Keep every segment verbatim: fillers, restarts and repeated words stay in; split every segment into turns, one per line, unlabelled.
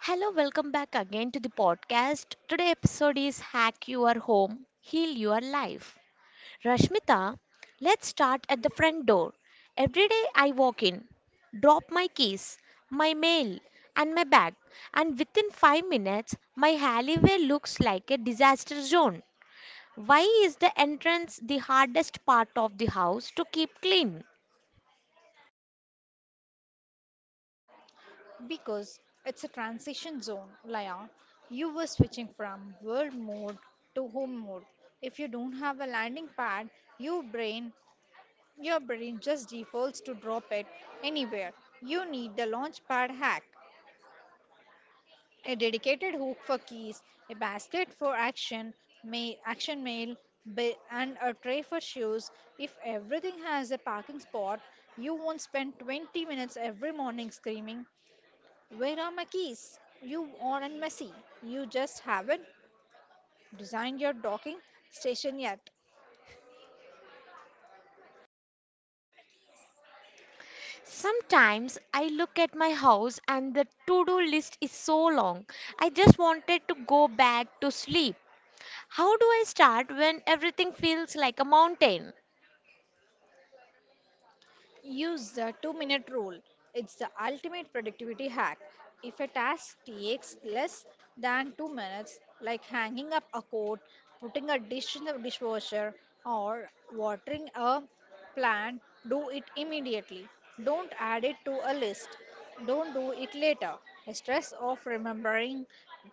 Hello, welcome back again to the podcast. Today episode is Hack Your Home, Heal Your Life. Rashmita, let's start at the front door. Every day I walk in, drop my keys, my mail, and my bag, and within five minutes my alleyway looks like a disaster zone. Why is the entrance the hardest part of the house to keep clean?
Because it's a transition zone, Laya. You were switching from world mode to home mode. If you don't have a landing pad, your brain your brain just defaults to drop it anywhere. You need the launch pad hack, a dedicated hook for keys, a basket for action, ma- action mail, ba- and a tray for shoes. If everything has a parking spot, you won't spend twenty minutes every morning screaming where are my keys? You aren't messy. You just haven't designed your docking station yet.
Sometimes I look at my house and the to do list is so long. I just wanted to go back to sleep. How do I start when everything feels like a mountain?
Use the two minute rule. It's the ultimate productivity hack. If a task takes less than two minutes, like hanging up a coat, putting a dish in the dishwasher, or watering a plant, do it immediately. Don't add it to a list. Don't do it later. The stress of remembering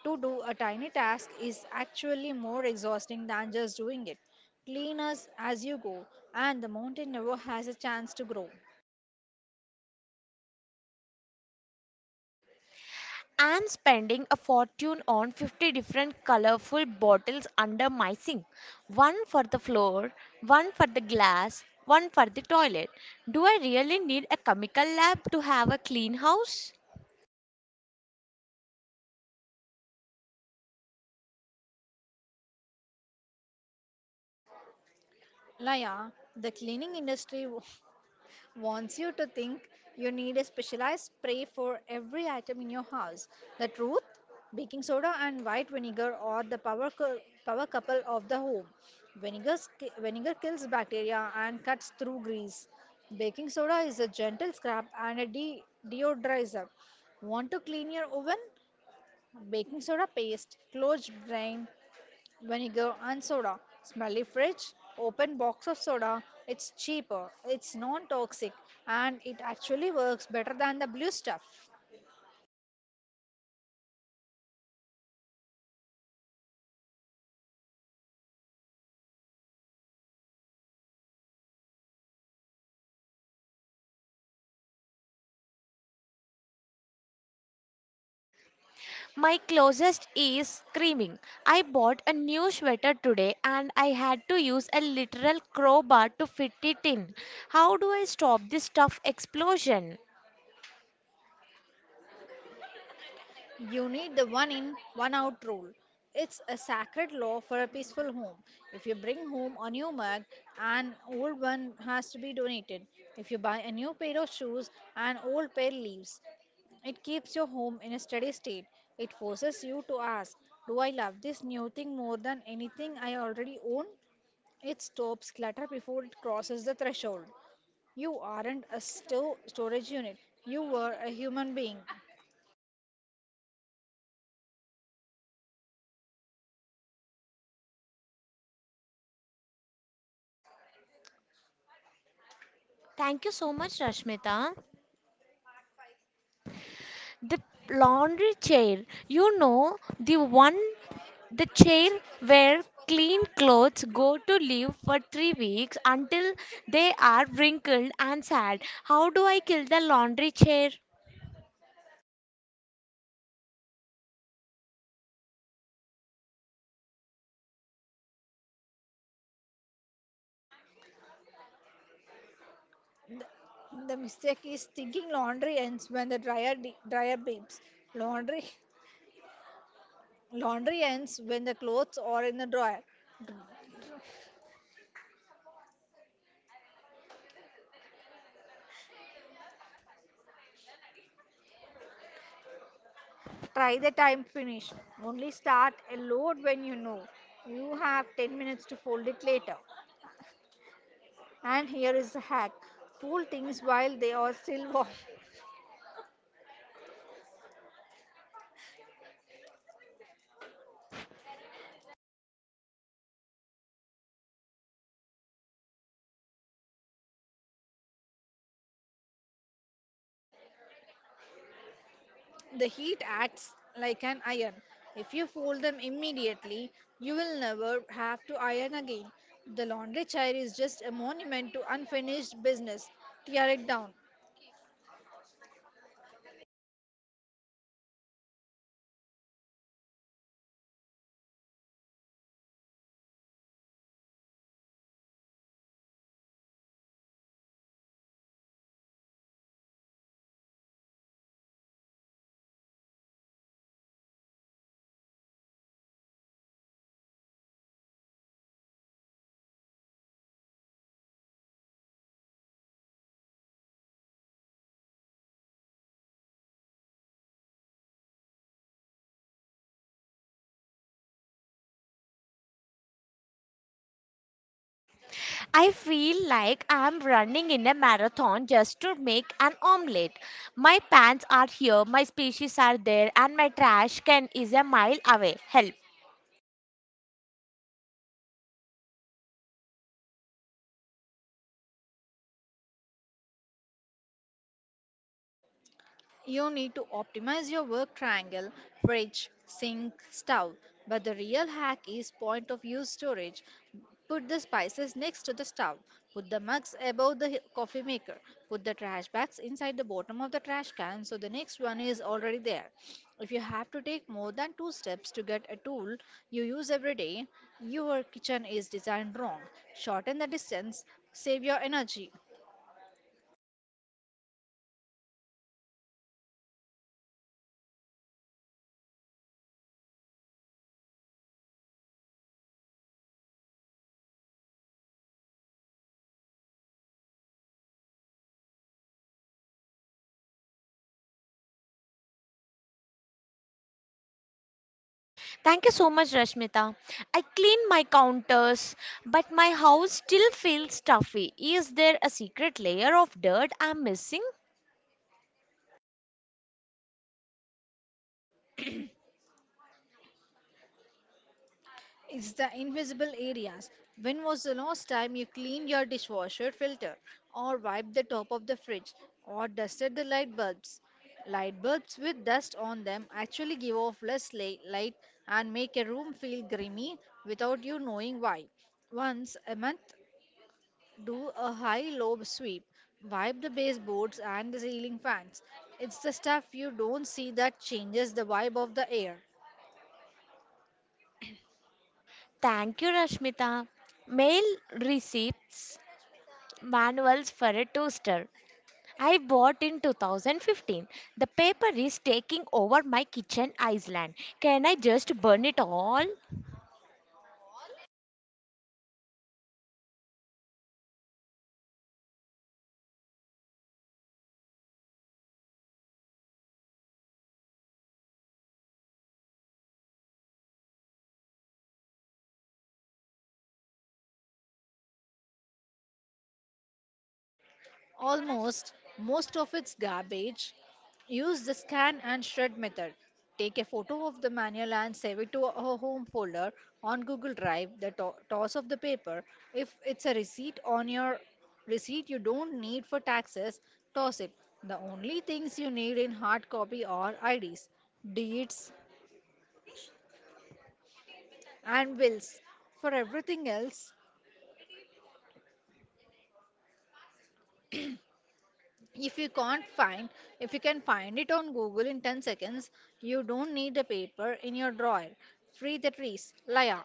to do a tiny task is actually more exhausting than just doing it. Clean us as you go, and the mountain never has a chance to grow.
I'm spending a fortune on fifty different colorful bottles under my sink. One for the floor, one for the glass, one for the toilet. Do I really need a chemical lab to have a clean house?
Laya, the cleaning industry w- wants you to think you need a specialized spray for every item in your house. The truth? Baking soda and white vinegar are the power, cou- power couple of the home. Vinegar, sk- vinegar kills bacteria and cuts through grease. Baking soda is a gentle scrub and a de- deodorizer. Want to clean your oven? Baking soda paste, closed drain, vinegar and soda. Smelly fridge, open box of soda. It's cheaper, it's non-toxic, and it actually works better than the blue stuff.
My closest is screaming. I bought a new sweater today and I had to use a literal crowbar to fit it in. How do I stop this stuff explosion?
You need the one in, one out rule. It's a sacred law for a peaceful home. If you bring home a new mug, an old one has to be donated. If you buy a new pair of shoes, an old pair leaves. It keeps your home in a steady state. It forces you to ask, do I love this new thing more than anything I already own? It stops clutter before it crosses the threshold. You aren't a sto- storage unit, you were a human being.
Thank you so much, Rashmita. The laundry chair, you know, the one, the chair where clean clothes go to live for three weeks until they are wrinkled and sad. How do I kill the laundry chair?
The mistake is thinking laundry ends when the dryer, de- dryer beeps. Laundry, laundry ends when the clothes are in the dryer. Try the time finish. Only start a load when you know you have ten minutes to fold it later. And here is the hack, fold things while they are still warm. The heat acts like an iron. If you fold them immediately, you will never have to iron again. The laundry chair is just a monument to unfinished business. Tear it down.
I feel like I'm running in a marathon just to make an omelette. My pants are here, my species are there, and my trash can is a mile away. Help.
You need to optimize your work triangle: fridge, sink, stove. But the real hack is point of use storage. Put the spices next to the stove. Put the mugs above the coffee maker. Put the trash bags inside the bottom of the trash can so the next one is already there. If you have to take more than two steps to get a tool you use every day, your kitchen is designed wrong. Shorten the distance, save your energy.
Thank you so much, Rashmita. I clean my counters, but my house still feels stuffy. Is there a secret layer of dirt I'm missing?
It's the invisible areas. When was the last time you cleaned your dishwasher filter, or wiped the top of the fridge, or dusted the light bulbs? Light bulbs with dust on them actually give off less la- light and make a room feel grimy without you knowing why. Once a month, do a high low sweep. Wipe the baseboards and the ceiling fans. It's the stuff you don't see that changes the vibe of the air.
Thank you, Rashmita. Mail receipts, manuals for a toaster. I bought in two thousand fifteen. The paper is taking over my kitchen island. Can I just burn it all?
Almost most of its garbage, use the scan and shred method. Take a photo of the manual and save it to a home folder on Google Drive. The to- toss of the paper, if it's a receipt on your receipt you don't need for taxes, toss it. The only things you need in hard copy are I Ds, deeds, and wills. For everything else, if you can't find if you can find it on Google in ten seconds, you don't need the paper in your drawer. Free the trees, Laya.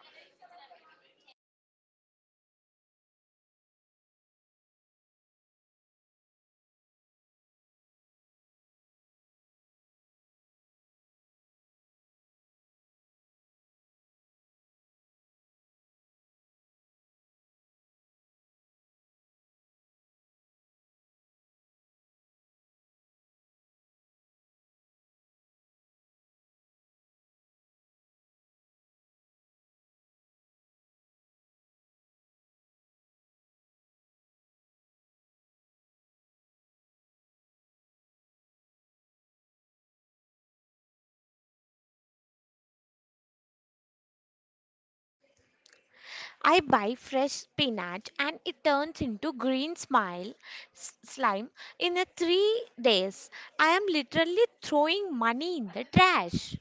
I buy fresh spinach and it turns into green smile s- slime in a three days. I am literally throwing money in the trash.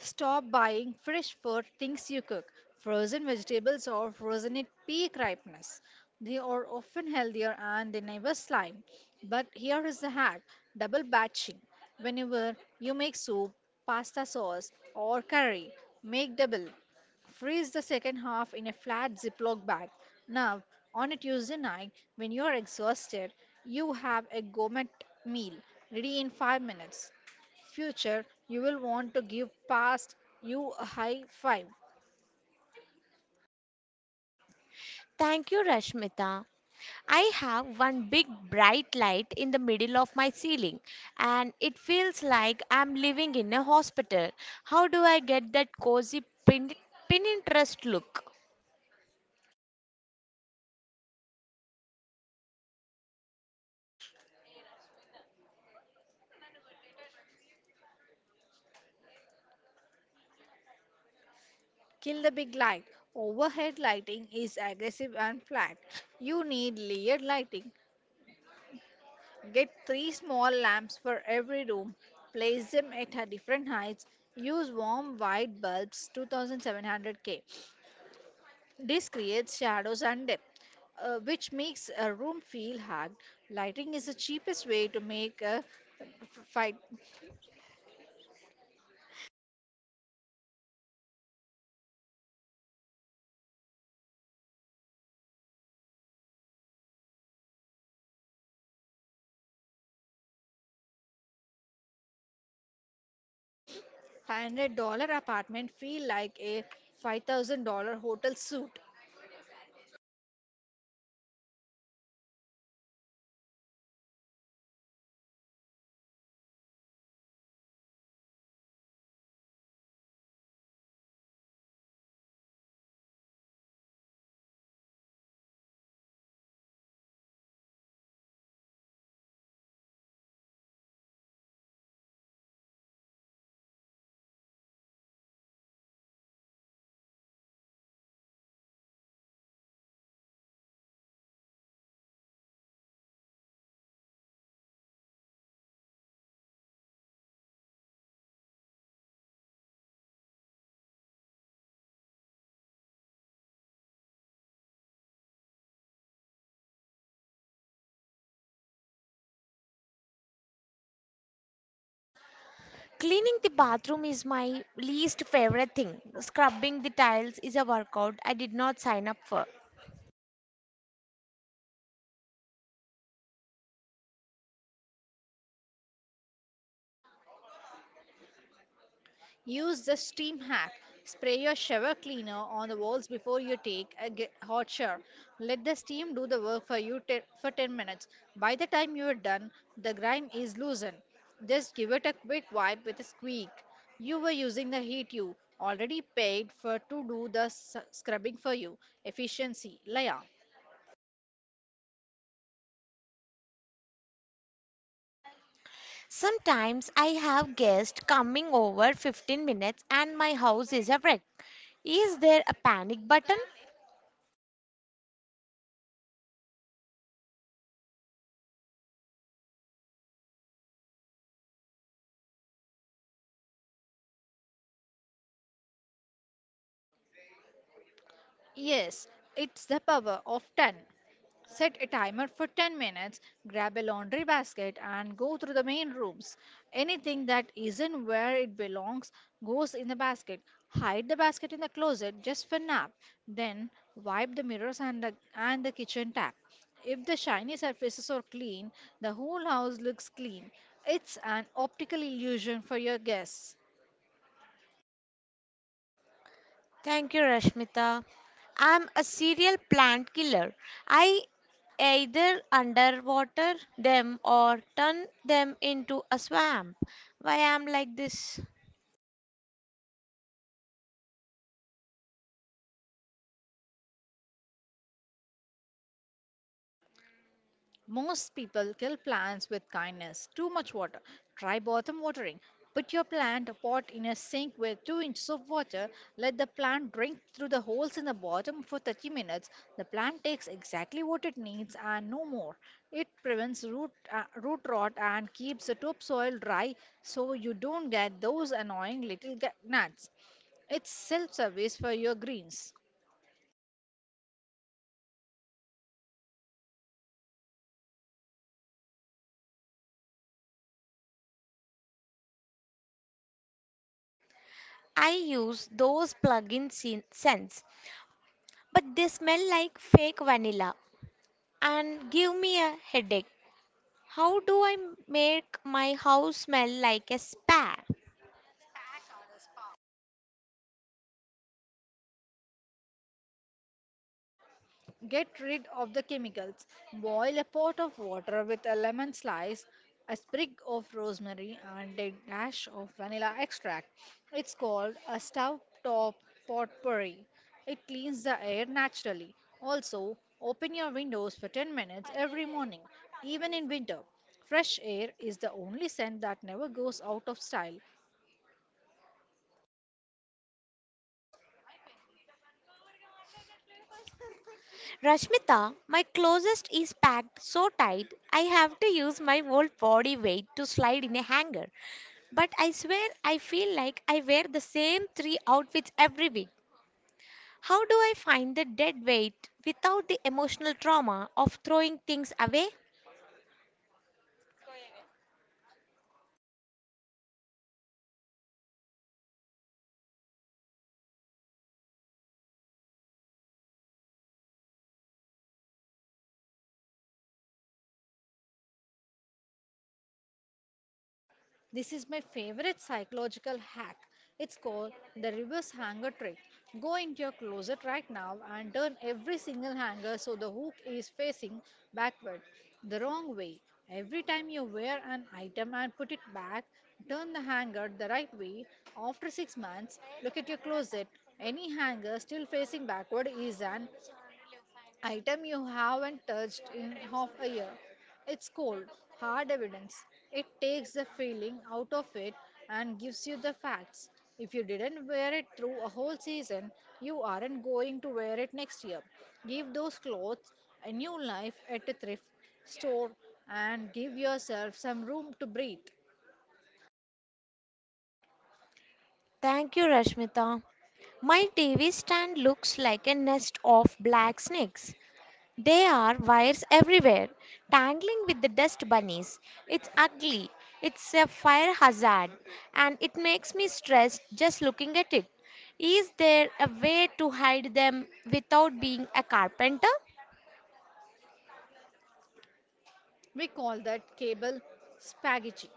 Stop buying fresh food things you cook. Frozen vegetables are frozen at peak ripeness. They are often healthier and they never slime. But here is the hack, double batching. Whenever you make soup, pasta sauce, or curry, make double. Freeze the second half in a flat Ziploc bag. Now, on a Tuesday night, when you are exhausted, you have a gourmet meal ready in five minutes. Future you will want to give past you a high five.
Thank you, Rashmita. I have one big bright light in the middle of my ceiling, and it feels like I'm living in a hospital. How do I get that cozy pin- Pinterest look?
Kill the big light. Overhead lighting is aggressive and flat. You need layered lighting. Get three small lamps for every room. Place them at a different heights. Use warm white bulbs, two thousand seven hundred K. This creates shadows and depth, uh, which makes a room feel hard. Lighting is the cheapest way to make a f- fight five hundred dollars apartment feel like a five thousand dollars hotel suite.
Cleaning the bathroom is my least favorite thing. Scrubbing the tiles is a workout I did not sign up for.
Use the steam hack. Spray your shower cleaner on the walls before you take a ge- hot shower. Let the steam do the work for you te- for ten minutes. By the time you are done, the grime is loosened. Just give it a quick wipe with a squeak. You were using the heat you already paid for to do the s- scrubbing for you. Efficiency, Laya.
Sometimes I have guests coming over fifteen minutes and my house is a wreck. Is there a panic button?
Yes, it's the power of ten. Set a timer for ten minutes, grab a laundry basket, and go through the main rooms. Anything that isn't where it belongs goes in the basket. Hide the basket in the closet just for nap. Then wipe the mirrors and the, and the kitchen tap. If the shiny surfaces are clean, the whole house looks clean. It's an optical illusion for your guests.
Thank you, Rashmita. I'm a serial plant killer. I either underwater them or turn them into a swamp. Why I'm like this?
Most people kill plants with kindness. Too much water. Try bottom watering. Put your plant pot in a sink with two inches of water. Let the plant drink through the holes in the bottom for thirty minutes. The plant takes exactly what it needs and no more. It prevents root, uh, root rot and keeps the topsoil dry so you don't get those annoying little ga- gnats. It's self service for your greens.
I use those plug-in scen- scents, but they smell like fake vanilla and give me a headache. How do I make my house smell like a spa?
Get rid of the chemicals. Boil a pot of water with a lemon slice, a sprig of rosemary, and a dash of vanilla extract. It's called a stove top potpourri. It cleans the air naturally. Also, open your windows for ten minutes every morning, even in winter. Fresh air is the only scent that never goes out of style.
Rashmita, my closest is packed so tight I have to use my whole body weight to slide in a hanger. But I swear I feel like I wear the same three outfits every week. How do I find the dead weight without the emotional trauma of throwing things away?
This is my favorite psychological hack. It's called the reverse hanger trick. Go into your closet right now and turn every single hanger so the hook is facing backward, the wrong way. Every time you wear an item and put it back, turn the hanger the right way. After six months, look at your closet. Any hanger still facing backward is an item you haven't touched in half a year. It's cold, hard evidence. It takes the feeling out of it and gives you the facts. If you didn't wear it through a whole season, you aren't going to wear it next year. Give those clothes a new life at a thrift store and give yourself some room to breathe.
Thank you, Rashmita. My T V stand looks like a nest of black snakes. There are wires everywhere, tangling with the dust bunnies. It's ugly. It's a fire hazard, and it makes me stressed just looking at it. Is there a way to hide them without being a carpenter?
We call that cable spaghetti.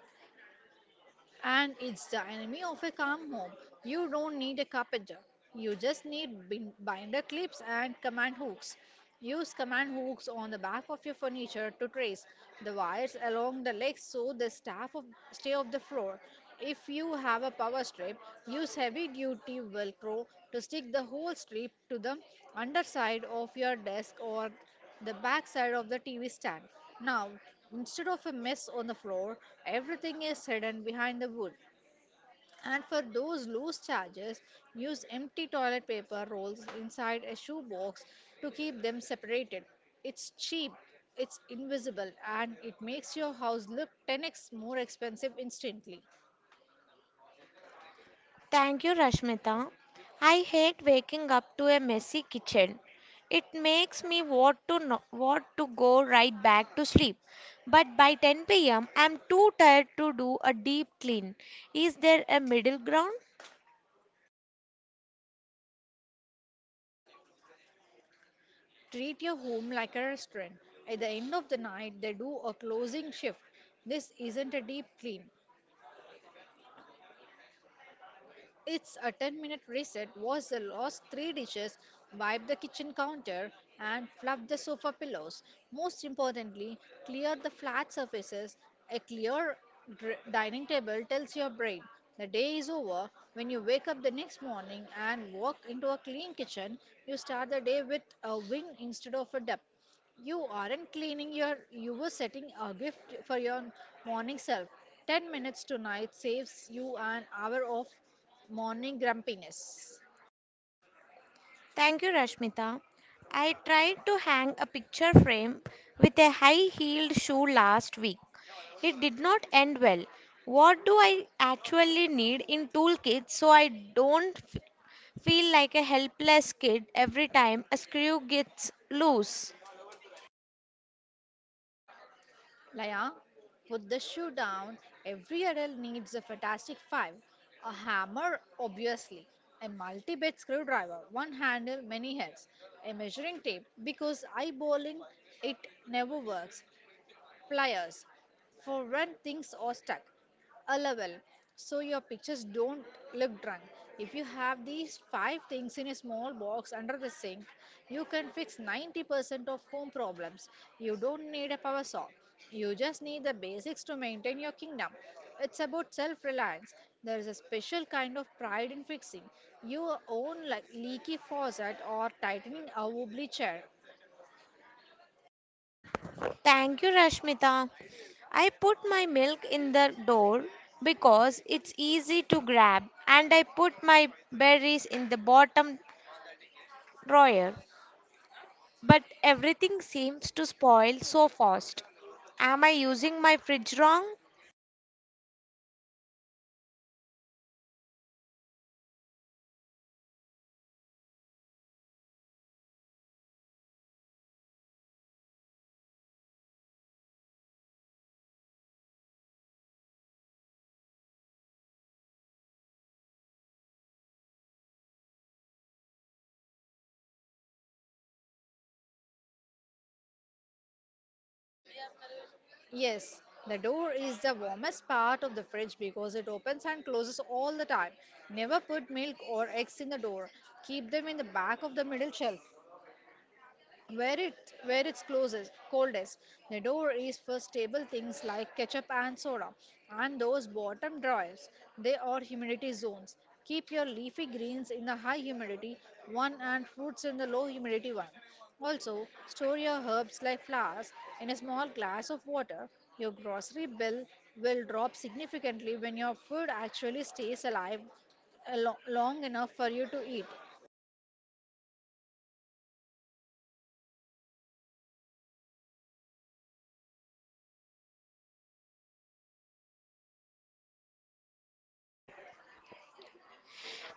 And it's the enemy of a calm home. You don't need a carpenter. You just need bin- binder clips and command hooks. Use command hooks on the back of your furniture to trace the wires along the legs so they staff of, stay off the floor. If you have a power strip, use heavy duty velcro to stick the whole strip to the underside of your desk or the back side of the T V stand. Now, instead of a mess on the floor, everything is hidden behind the wood. And for those loose charges, use empty toilet paper rolls inside a shoebox to keep them separated. It's cheap, it's invisible, and it makes your house look ten x more expensive instantly.
Thank you, Rashmita. I hate waking up to a messy kitchen. It makes me want to no- want to go right back to sleep. But by ten p m, I'm too tired to do a deep clean. Is there a middle ground?
Treat your home like a restaurant. At the end of the night, they do a closing shift. This isn't a deep clean. Its a ten minute reset. Was the lost three dishes, wipe the kitchen counter, and fluff the sofa pillows. Most importantly, clear the flat surfaces. A clear dr- dining table tells your brain the day is over. When you wake up the next morning and walk into a clean kitchen, you start the day with a win instead of a dip. You aren't cleaning your, you were setting a gift for your morning self. ten minutes tonight saves you an hour off morning grumpiness.
Thank you, Rashmita. I tried to hang a picture frame with a high heeled shoe last week. It did not end well. What do I actually need in toolkit so I don't f- feel like a helpless kid every time a screw gets loose?
Laya, put the shoe down. Every adult needs a fantastic five. A hammer, obviously. A multi bit screwdriver, one handle, many heads. A measuring tape, because eyeballing it never works. Pliers for when things are stuck, a level so your pictures don't look drunk. If you have these five things in a small box under the sink, you can fix ninety percent of home problems. You don't need a power saw. You just need the basics to maintain your kingdom. It's about self reliance. There is a special kind of pride in fixing your own like leaky faucet or tightening a wobbly chair.
Thank you, Rashmita. I put my milk in the door because it's easy to grab, and I put my berries in the bottom drawer. But everything seems to spoil so fast. Am I using my fridge wrong?
Yes, the door is the warmest part of the fridge because it opens and closes all the time. Never put milk or eggs in the door. Keep them in the back of the middle shelf where it where it's closest coldest. The door is for stable things like ketchup and soda, and those bottom drawers, they are humidity zones. Keep your leafy greens in the high humidity one and fruits in the low humidity one. Also store your herbs like flowers in a small glass of water. Your grocery bill will drop significantly when your food actually stays alive a lo- long enough for you to eat.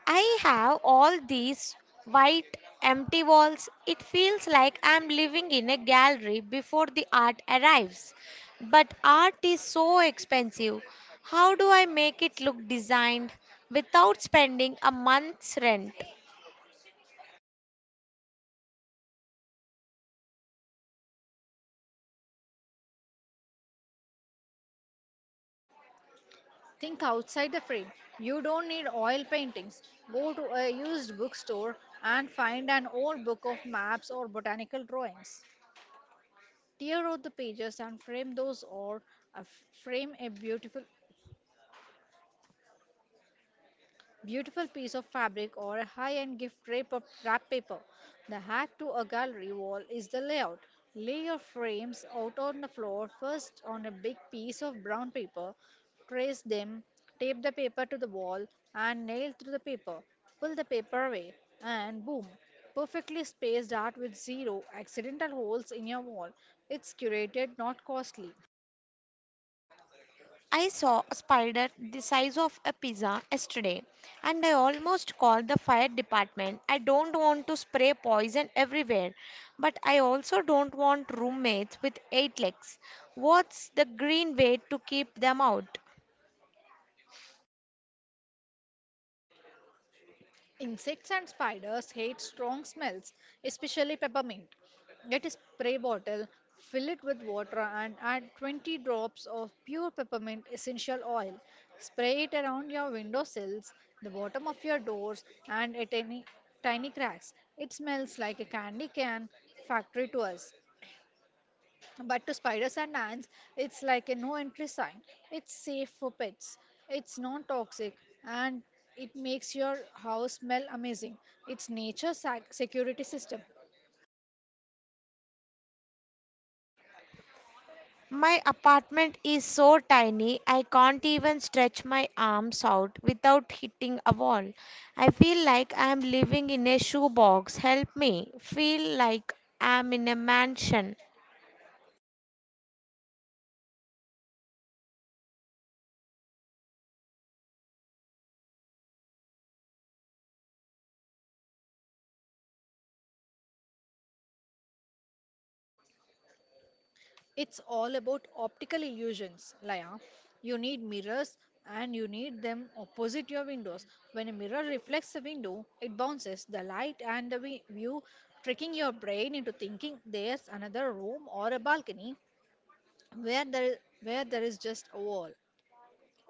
I have all these white, empty walls. It feels like I'm living in a gallery before the art arrives. But art is so expensive. How do I make it look designed without spending a month's rent?
Think outside the frame. You don't need oil paintings. Go to a used bookstore and find an old book of maps or botanical drawings. Tear out the pages and frame those, or uh, frame a beautiful beautiful piece of fabric or a high-end gift wrap, wrap paper. The hack to a gallery wall is the layout. Lay your frames out on the floor first on a big piece of brown paper, trace them, tape the paper to the wall and nail through the paper. Pull the paper away and boom, perfectly spaced art with zero accidental holes in your wall. It's curated, not costly.
I saw a spider the size of a pizza yesterday and I almost called the fire department. I don't want to spray poison everywhere, but I also don't want roommates with eight legs. What's the green way to keep them out?
Insects and spiders hate strong smells, especially peppermint. Get a spray bottle, fill it with water, and add twenty drops of pure peppermint essential oil. Spray it around your window sills, the bottom of your doors, and at any tiny cracks. It smells like a candy can factory to us. But to spiders and ants, it's like a no entry sign. It's safe for pets, it's non toxic, and it makes your house smell amazing. It's nature's sac- security system.
My apartment is so tiny I can't even stretch my arms out without hitting a wall. I feel like I am living in a shoebox. Help me. Feel like I am in a mansion.
It's all about optical illusions, Laya. You need mirrors and you need them opposite your windows. When a mirror reflects the window, it bounces the light and the vi- view, tricking your brain into thinking there's another room or a balcony where there, where there is just a wall.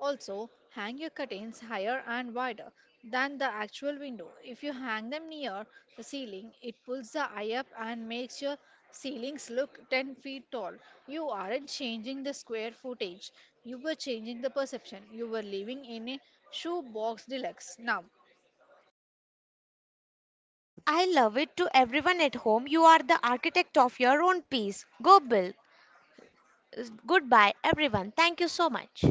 Also, hang your curtains higher and wider than the actual window. If you hang them near the ceiling, it pulls the eye up and makes your ceilings look ten feet tall. You aren't changing the square footage, you were changing the perception. You were living in a shoebox deluxe. Now,
I love it to everyone at home. You are the architect of your own peace. Go, Bill. Goodbye, everyone. Thank you so much.